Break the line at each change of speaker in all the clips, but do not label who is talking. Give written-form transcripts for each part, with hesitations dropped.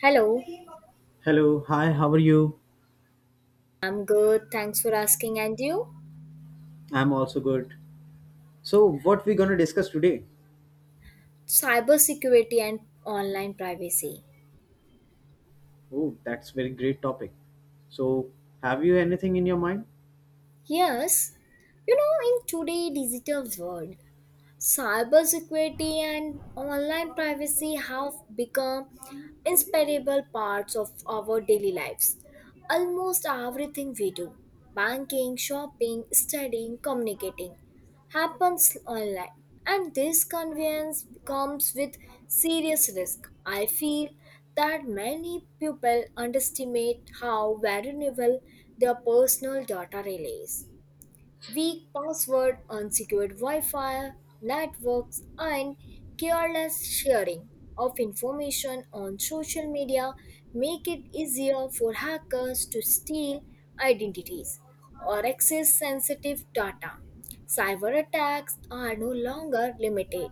Hello,
Hello, hi, how are you?
I'm good. Thanks for asking. And you?
I'm also good. So, what we gonna discuss today?
Cybersecurity and online privacy.
Oh, that's very great topic. So, have you anything in your mind?
Yes, you know, in today's digital world, cybersecurity and online privacy have become inseparable parts of our daily lives. Almost everything we do, banking, shopping, studying, communicating, happens online. And this convenience comes with serious risk. I feel that many people underestimate how vulnerable their personal data really is. Weak password, unsecured Wi Fi networks, and careless sharing of information on social media make it easier for hackers to steal identities or access sensitive data. Cyber attacks are no longer limited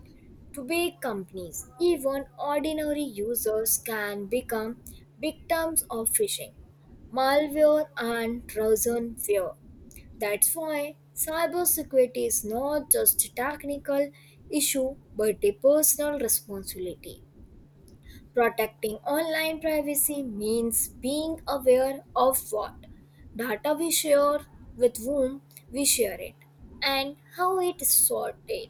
to big companies. Even ordinary users can become victims of phishing malware and Trojan fear. That's why cybersecurity is not just a technical issue but a personal responsibility. Protecting online privacy means being aware of what data we share, with whom we share it, and how it is sorted.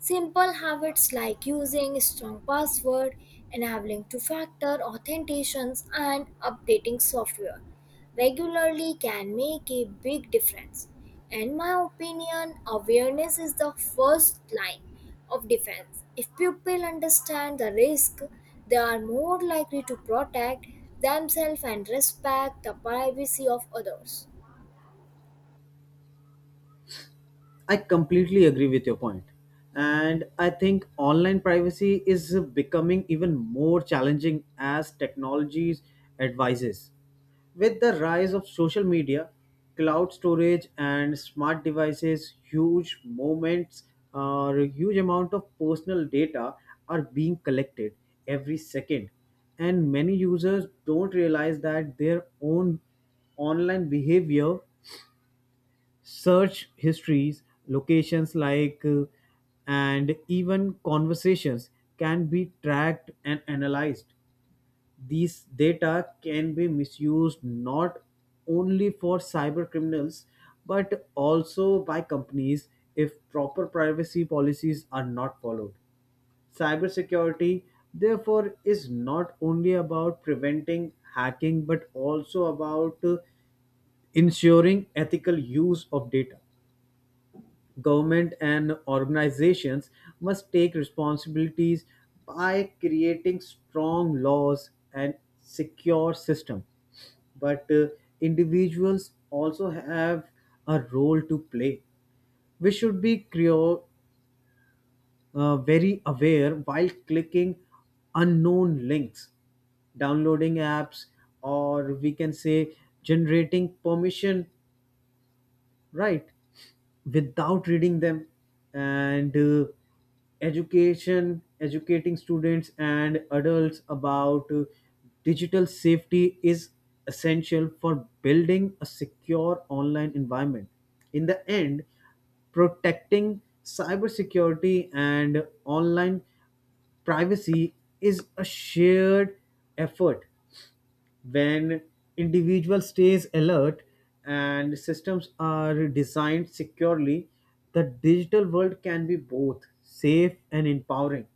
Simple habits like using strong password, enabling two-factor authentications, and updating software regularly can make a big difference. In my opinion, awareness is the first line of defense. If people understand the risk, they are more likely to protect themselves and respect the privacy of others.
I completely agree with your point. And I think online privacy is becoming even more challenging as technologies advises. With the rise of social media, cloud storage and smart devices, huge moments or huge amount of personal data are being collected every second. And many users don't realize that their own online behavior search histories, locations and even conversations can be tracked and analyzed. These data can be misused not only for cyber criminals but also by companies if proper privacy policies are not followed. Cybersecurity, therefore, is not only about preventing hacking but also about ensuring ethical use of data. Government and organizations must take responsibilities by creating strong laws and secure system. But individuals also have a role to play. We should be very aware while clicking unknown links downloading apps or we can say generating permission right without reading them and education educating students and adults about digital safety is essential for building a secure online environment in the end protecting cybersecurity and online privacy is a shared effort when individual stays alert and systems are designed securely the digital world can be both safe and empowering.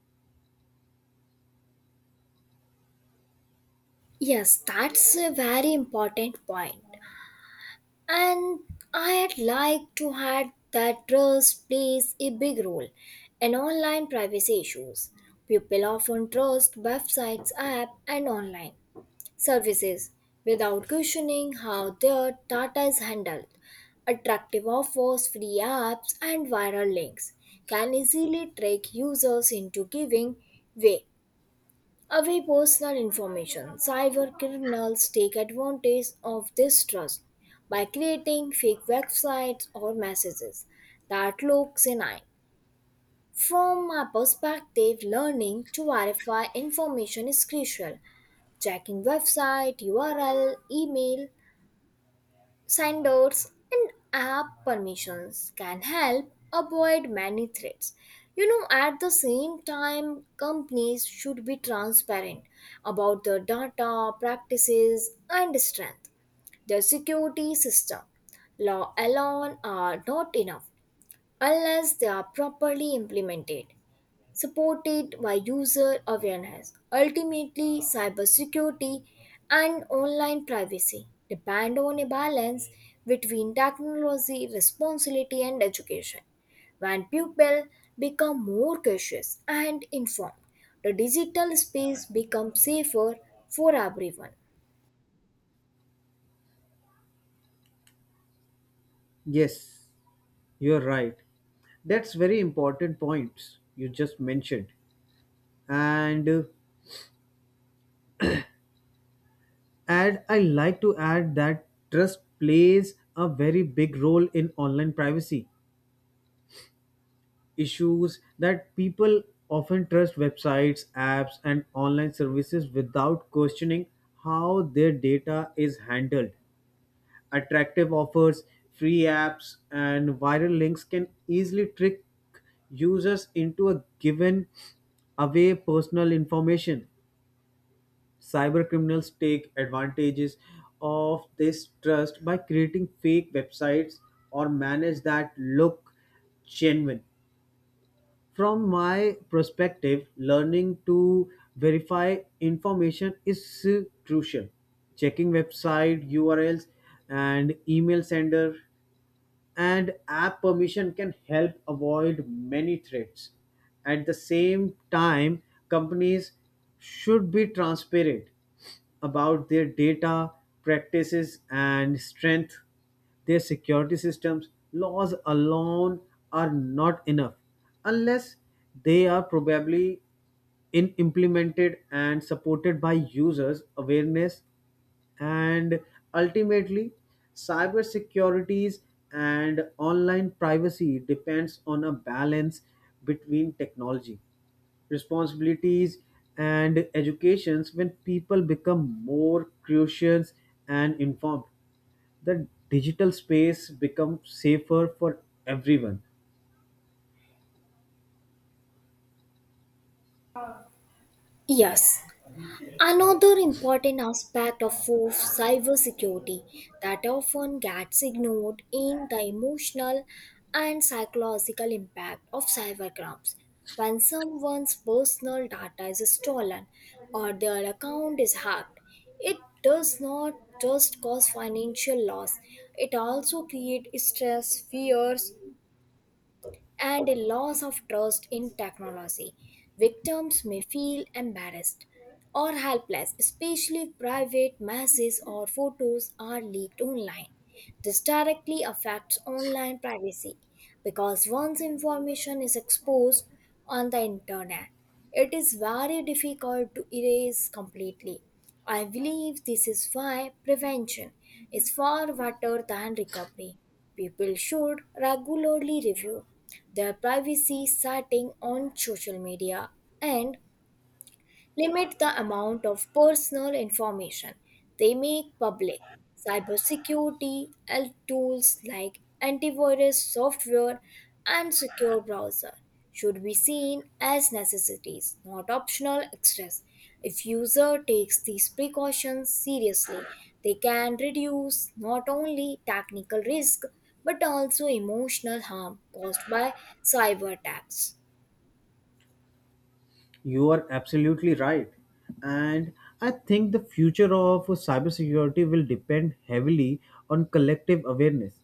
Yes, that's a very important point. And I'd like to add that trust plays a big role in online privacy issues. People often trust websites, apps, and online services without questioning how their data is handled. Attractive offers, free apps, and viral links can easily trick users into giving way away personal information. Cyber criminals take advantage of this trust by creating fake websites or messages that look genuine. From my perspective, learning to verify information is crucial. Checking website, URL, email, signboards and app permissions can help avoid many threats. You know, at the same time, companies should be transparent about their data, practices, and strength. Their security system, law alone, are not enough unless they are properly implemented supported by user awareness. Ultimately, cybersecurity and online privacy depend on a balance between technology, responsibility, and education. When people become more cautious and informed, the digital space becomes safer for everyone.
Yes, you're right. That's very important points you just mentioned. And add I like to add that trust plays a very big role in online privacy issues that people often trust websites, apps, and online services without questioning how their data is handled. Attractive offers, free apps, and viral links can easily trick users into a given away personal information. Cyber criminals take advantages of this trust by creating fake websites or manage that look genuine. From my perspective, learning to verify information is crucial. Checking website URLs and email sender and app permission can help avoid many threats. At the same time, companies should be transparent about their data, practices, and strength. Their security systems, laws alone are not enough unless they are probably in implemented and supported by users awareness and ultimately cyber securities and online privacy depends on a balance between technology responsibilities and educations when people become more curious and informed the digital space becomes safer for everyone.
Yes, another important aspect of cybersecurity that often gets ignored in the emotional and psychological impact of cybercrimes. When someone's personal data is stolen or their account is hacked, it does not just cause financial loss, it also creates stress, fears, and a loss of trust in technology. Victims may feel embarrassed or helpless, especially if private messages or photos are leaked online. This directly affects online privacy because once information is exposed on the internet, it is very difficult to erase completely. I believe this is why prevention is far better than recovery. People should regularly review their privacy setting on social media and limit the amount of personal information they make public. Cybersecurity and tools like antivirus software and secure browser should be seen as necessities, not optional extras. If user takes these precautions seriously, they can reduce not only technical risk but also emotional harm caused by cyber attacks.
You are absolutely right. And I think the future of cybersecurity will depend heavily on collective awareness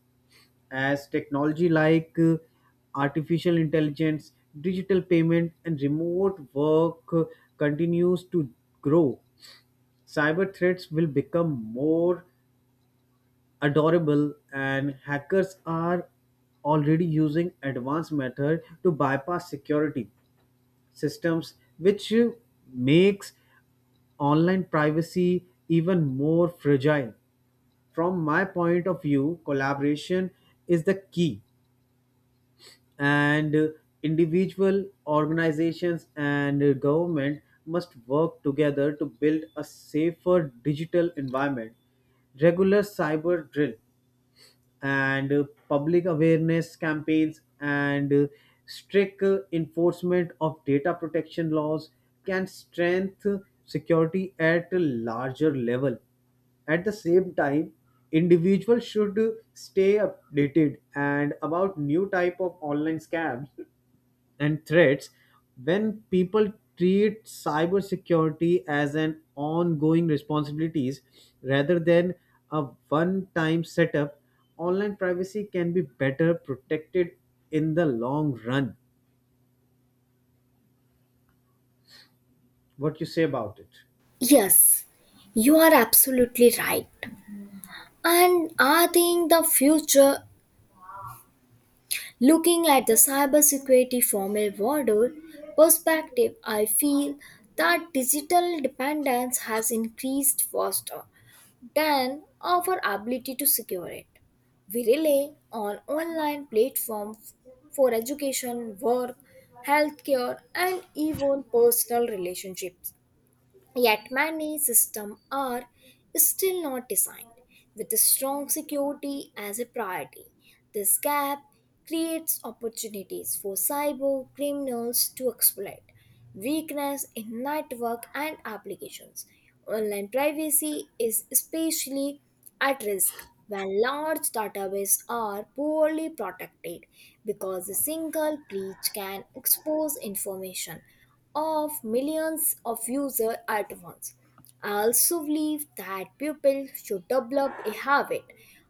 as technology like artificial intelligence, digital payment, and remote work continues to grow, cyber threats will become more adorable, and hackers are already using advanced method to bypass security systems, which makes online privacy even more fragile. From my point of view, collaboration is the key. And individual organizations and government must work together to build a safer digital environment. Regular cyber drill and public awareness campaigns and strict enforcement of data protection laws can strengthen security at a larger level. At the same time, individuals should stay updated and about new type of online scams and threats when people treat cybersecurity as an ongoing responsibilities rather than a one time setup online privacy can be better protected in the long run. What you say about it?
Yes, you are absolutely right. And I think the future, looking at the cybersecurity from a broader perspective, I feel that digital dependence has increased faster than our ability to secure it. We rely on online platforms for education, work, healthcare, and even personal relationships. Yet many systems are still not designed with a strong security as a priority. This gap creates opportunities for cyber criminals to exploit weakness in network and applications. Online privacy is especially at risk when large databases are poorly protected because a single breach can expose information of millions of users at once. I also believe that people should develop a habit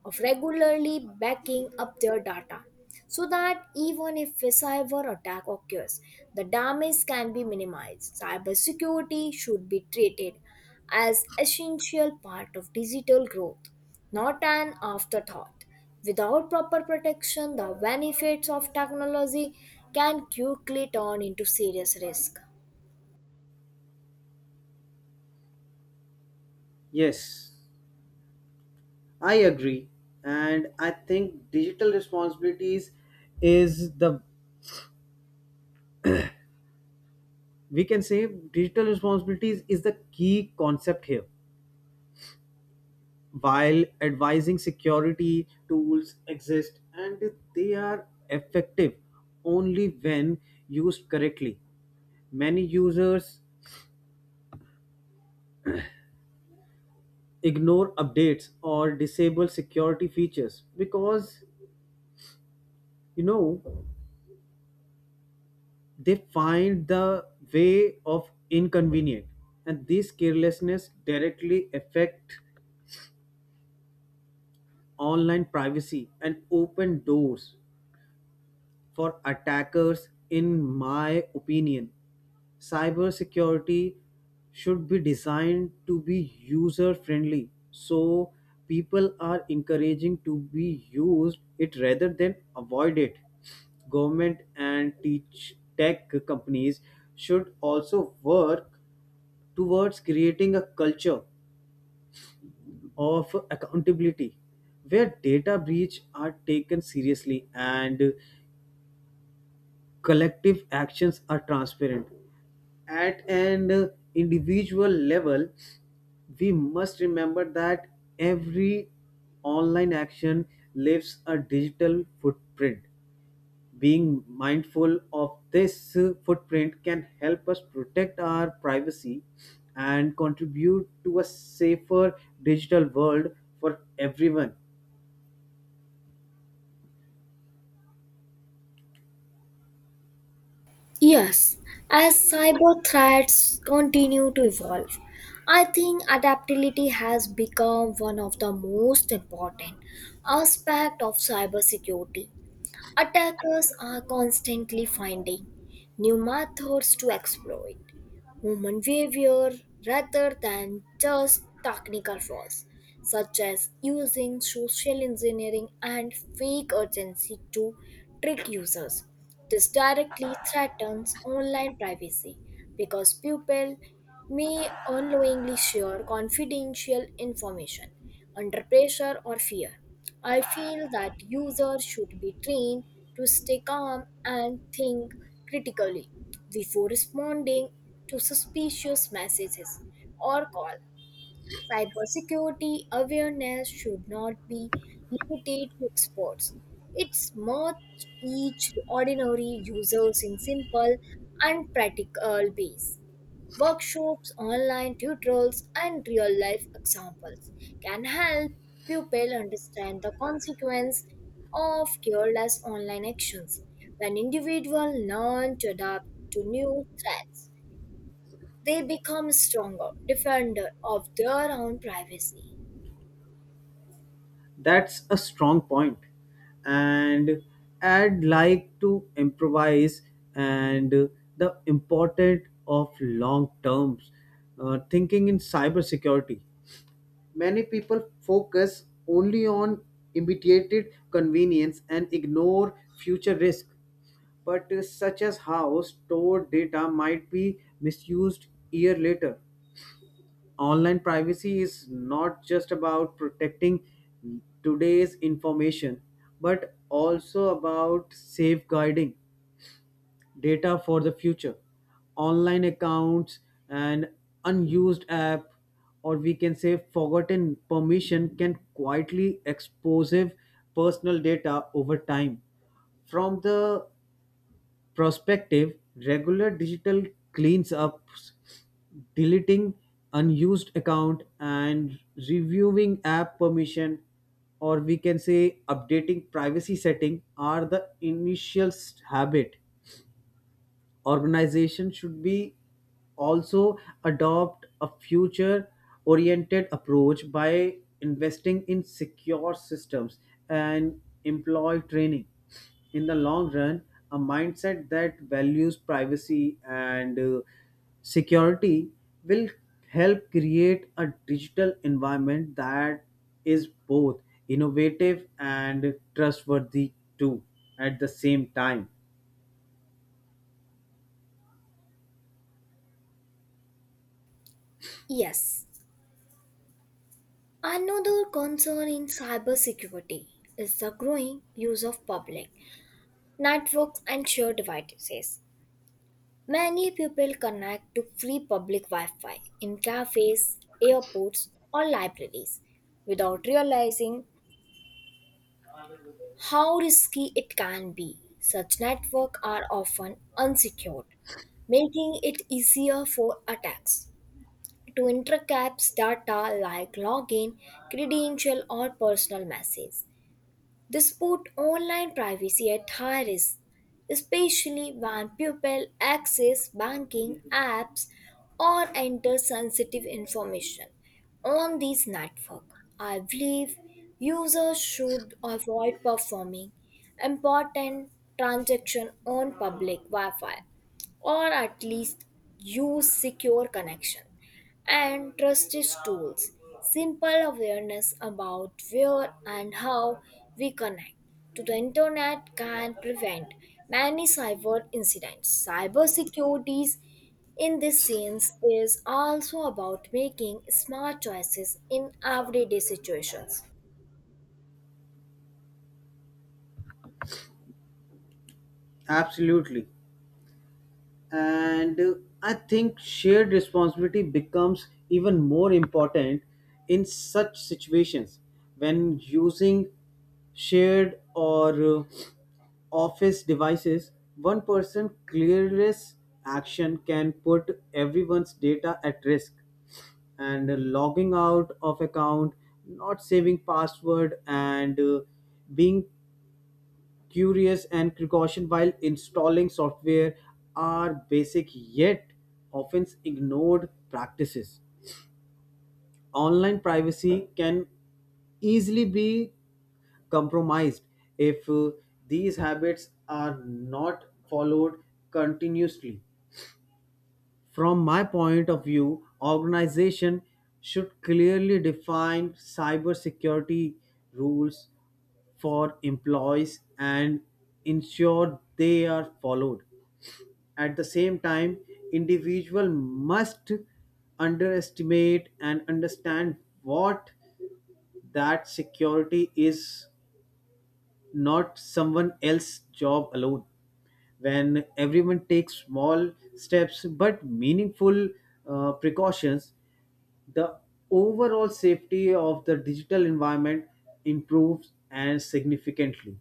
of regularly backing up their data so that even if a cyber attack occurs, the damage can be minimized. Cybersecurity should be treated as essential part of digital growth, not an afterthought. Without proper protection, the benefits of technology can quickly turn into serious risk.
Yes, I agree. And I think digital responsibilities is the, we can say digital responsibilities is the key concept here. While advising security tools exist and they are effective only when used correctly, many users ignore updates or disable security features because you know they find the way of inconvenient and this carelessness directly affect online privacy and open doors for attackers, in my opinion. Cybersecurity should be designed to be user friendly so people are encouraging to be used it rather than avoid it. Government and teach tech companies should also work towards creating a culture of accountability where data breach are taken seriously and collective actions are transparent. At an individual level, we must remember that every online action leaves a digital footprint. Being mindful of this footprint can help us protect our privacy and contribute to a safer digital world for everyone.
Yes, as cyber threats continue to evolve, I think adaptability has become one of the most important aspects of cybersecurity. Attackers are constantly finding new methods to exploit human behavior rather than just technical flaws, such as using social engineering and fake urgency to trick users. This directly threatens online privacy because people may unknowingly share confidential information under pressure or fear. I feel that users should be trained to stay calm and think critically before responding to suspicious messages or call. Cybersecurity awareness should not be limited to experts. It's much each ordinary users in simple and practical ways. Workshops, online tutorials, and real life examples can help pupils understand the consequence of careless online actions. When individuals learn to adapt to new threats, they become stronger defender of their own privacy.
That's a strong point. And I'd like to improvise and the importance of long terms thinking in cybersecurity. Many people focus only on immediate convenience and ignore future risk. But such as how stored data might be misused year later. Online privacy is not just about protecting today's information but also about safeguarding data for the future. Online accounts and unused app or we can say forgotten permission can quietly expose personal data over time. From the prospective, regular digital cleans-ups, deleting unused account and reviewing app permission or we can say updating privacy setting are the habit. Organization should be also adopt a future oriented approach by investing in secure systems and employee training in the long run. A mindset that values privacy and security will help create a digital environment that is both innovative and trustworthy too at the same time.
Yes. Another concern in cybersecurity is the growing use of public networks and shared devices. Many people connect to free public Wi Fi in cafes, airports, or libraries without realizing how risky it can be. Such networks are often unsecured, making it easier for attacks to intercept data like login, credential, or personal message. This put online privacy at high risk, especially when people access banking apps or enter sensitive information on these networks. I believe users should avoid performing important transactions on public Wi-Fi or at least use secure connection and trusted tools. Simple awareness about where and how we connect to the internet can prevent many cyber incidents. Cybersecurity in this sense is also about making smart choices in everyday situations.
Absolutely. And I think shared responsibility becomes even more important in such situations. When using shared or uh, office devices, one person careless action can put everyone's data at risk. And logging out of account, not saving password, and being curious and precaution while installing software are basic yet often ignored practices. Online privacy can easily be compromised if these habits are not followed continuously. From my point of view, organization should clearly define cybersecurity rules for employees and ensure they are followed. At the same time, individual must underestimate and understand what that security is not someone else's job alone. When everyone takes small steps but meaningful precautions, the overall safety of the digital environment improves and significantly.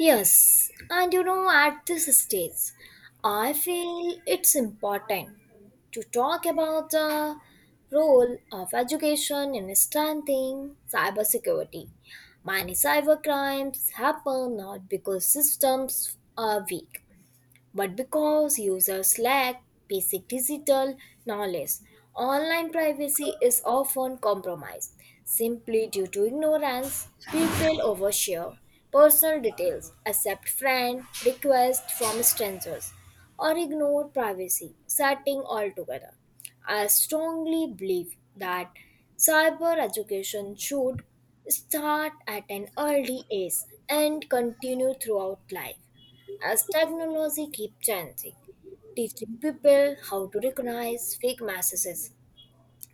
Yes, and you know, at this stage, I feel it's important to talk about the role of education in strengthening cybersecurity. Many cybercrimes happen not because systems are weak, but because users lack basic digital knowledge. Online privacy is often compromised. Simply due to ignorance, people overshare personal details, accept friend requests from strangers, or ignore privacy setting altogether. I strongly believe that cyber education should start at an early age and continue throughout life as technology keeps changing, teaching people how to recognize fake messages,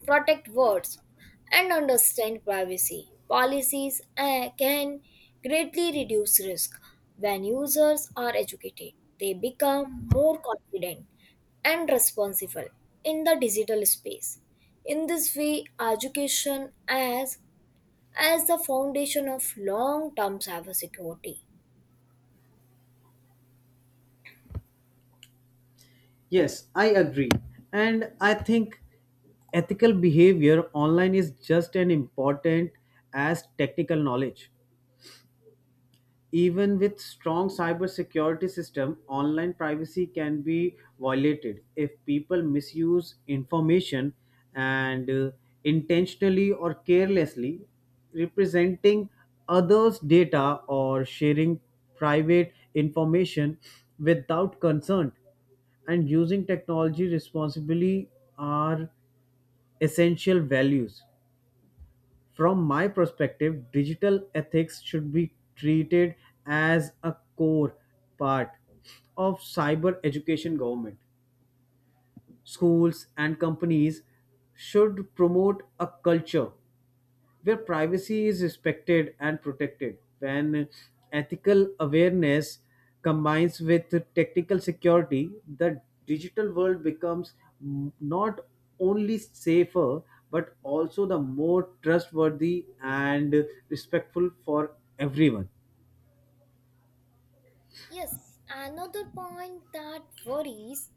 protect words, and understand privacy policies can greatly reduce risk. When users are educated, they become more confident and responsible in the digital space. In this way, education as the foundation of long-term cybersecurity.
Yes, I agree. And I think ethical behavior online is just as important as technical knowledge. Even with strong cybersecurity system, online privacy can be violated if people misuse information and intentionally or carelessly representing others' data or sharing private information without consent and using technology responsibly are essential values. From my perspective, digital ethics should be treated as a core part of cyber education government. Schools and companies should promote a culture where privacy is respected and protected, when ethical awareness combines with technical security, the digital world becomes not only safer but also the more trustworthy and respectful for everyone.
Yes, another point that worries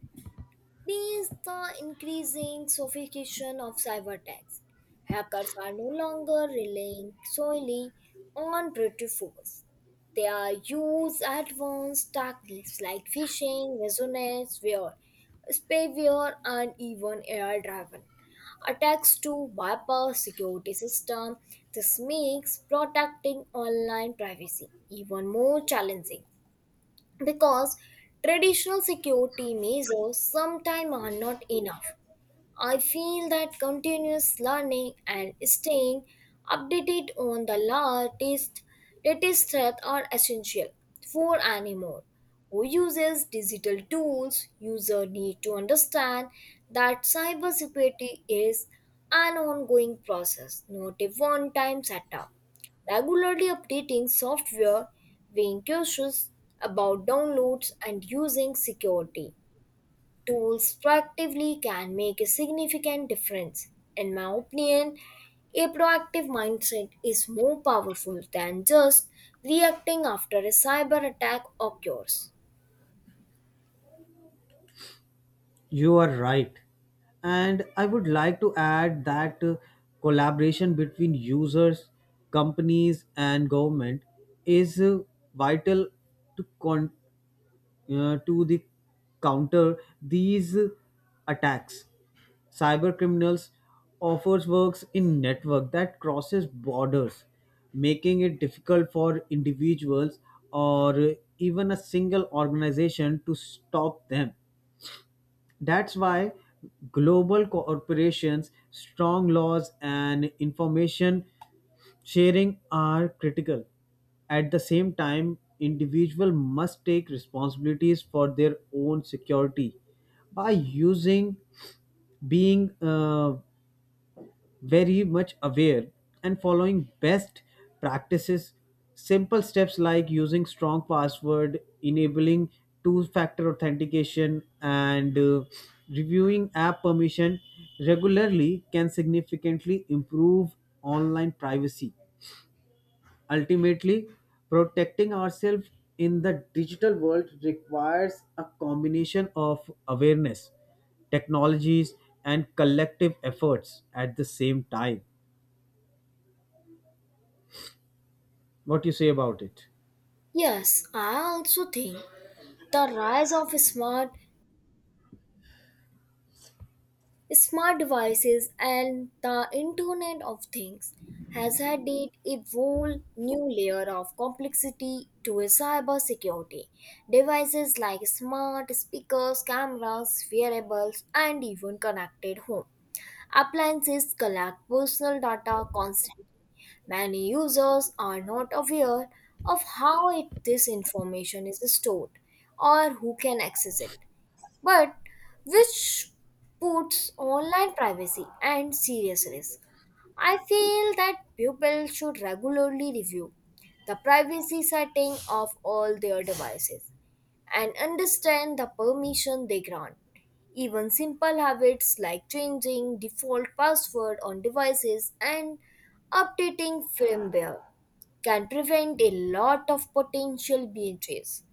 me is the increasing sophistication of cyberattacks. Hackers are no longer relying solely on brute force. They are use advanced tactics like phishing, ransomware, spyware, and even AI-driven attacks to bypass security system. This makes protecting online privacy even more challenging because traditional security measures sometimes are not enough. I feel that continuous learning and staying updated on the latest threats are essential for anyone who uses digital tools. User need to understand that cybersecurity is an ongoing process, not a one-time setup. Regularly updating software, being cautious about downloads and using security tools proactively can make a significant difference. In my opinion, a proactive mindset is more powerful than just reacting after a cyber attack occurs.
You are right. And I would like to add that collaboration between users, companies, and government is vital to con. To the counter these attacks. Cyber criminals offers works in network that crosses borders, making it difficult for individuals or even a single organization to stop them. That's why global corporations, strong laws, and information sharing are critical. At the same time, individuals must take responsibilities for their own security by using being very much aware and following best practices. Simple steps like using strong password, enabling two factor authentication, and reviewing app permission regularly can significantly improve online privacy. Ultimately, protecting ourselves in the digital world requires a combination of awareness, technologies, and collective efforts at the same time. What you say about it?
Yes, I also think the rise of smart devices and the Internet of Things has added a whole new layer of complexity to cybersecurity. Devices like smart speakers, cameras, wearables, and even connected home appliances collect personal data constantly. Many users are not aware of how it, this information is stored or who can access it but which puts online privacy and serious risk. I feel that people should regularly review the privacy setting of all their devices and understand the permission they grant. Even simple habits like changing default password on devices and updating firmware can prevent a lot of potential breaches.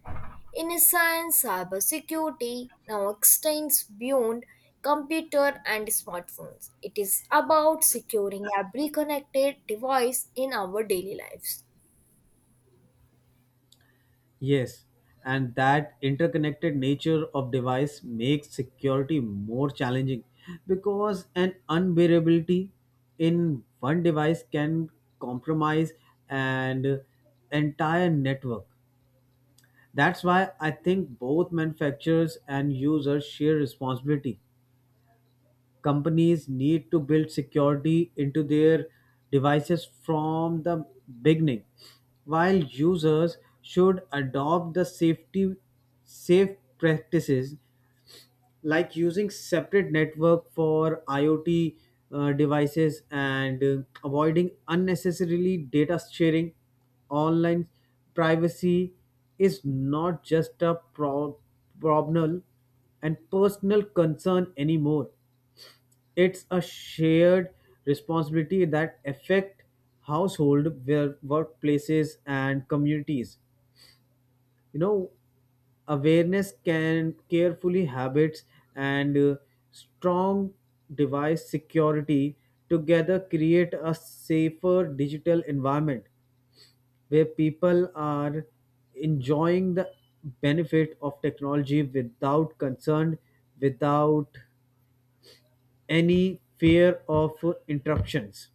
In science, cybersecurity now extends beyond computer and smartphones. It is about securing every connected device in our daily lives.
Yes, and that interconnected nature of device makes security more challenging because an unbearability in one device can compromise an entire network. That's why I think both manufacturers and users share responsibility. Companies need to build security into their devices from the beginning while users should adopt the safe practices like using separate network for iot devices and avoiding unnecessarily data sharing. Online privacy is not just a problem and personal concern anymore. It's a shared responsibility that affect household, where workplaces and communities. You know, awareness can carefully habits and strong device security together create a safer digital environment where people are enjoying the benefit of technology without concern without any fear of interruptions.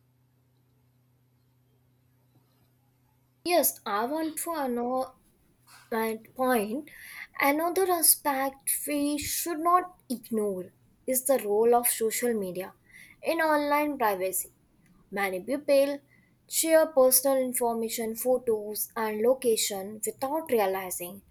Yes, I want to know and point another aspect we should not ignore is the role of social media in online privacy. Many people share personal information, photos, and location without realizing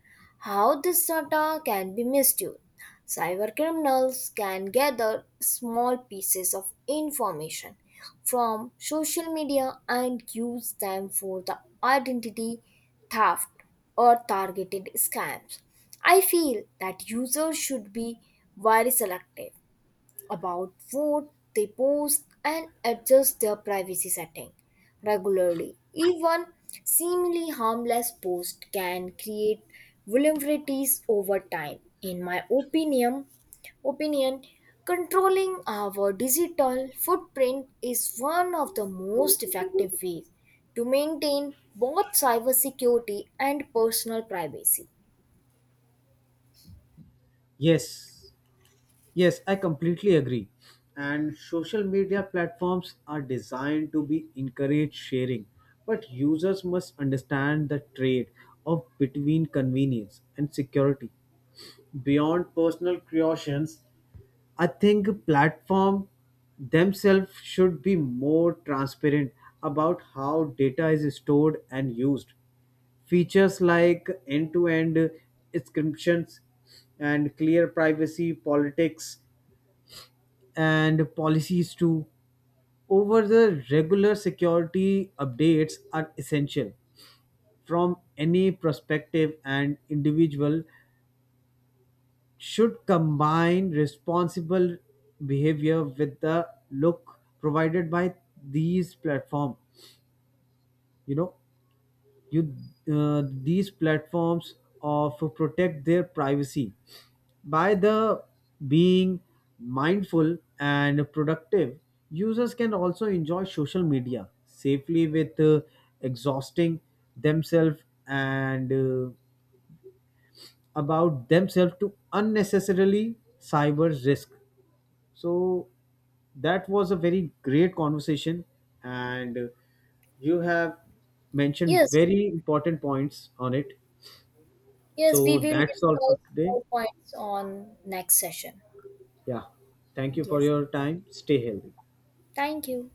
how this data can be misused. Cyber criminals can gather small pieces of information from social media and use them for the identity theft or targeted scams. I feel that users should be very selective about what they post and adjust their privacy setting regularly. Even seemingly harmless posts can create vulnerabilities over time. In my opinion, controlling our digital footprint is one of the most effective ways to maintain both cybersecurity and personal privacy.
Yes, yes, I completely agree. And social media platforms are designed to be encourage sharing, but users must understand the trade off between convenience and security. Beyond personal creations, I think platform themselves should be more transparent about how data is stored and used. Features like end-to-end encryptions and clear privacy politics and policies too, over the regular security updates are essential from any perspective and individual should combine responsible behavior with the look provided by these platforms. You know you These platforms of protect their privacy by the being mindful and productive users can also enjoy social media safely with exhausting themselves and about themselves to unnecessarily cyber risk. So that was a very great conversation. And you have mentioned
Yes,
very important points on it.
yes, we
So
will
that's all
discuss
for today.
more points on next session.
Yeah. Thank you for
Yes.
your time. Stay healthy.
Thank you.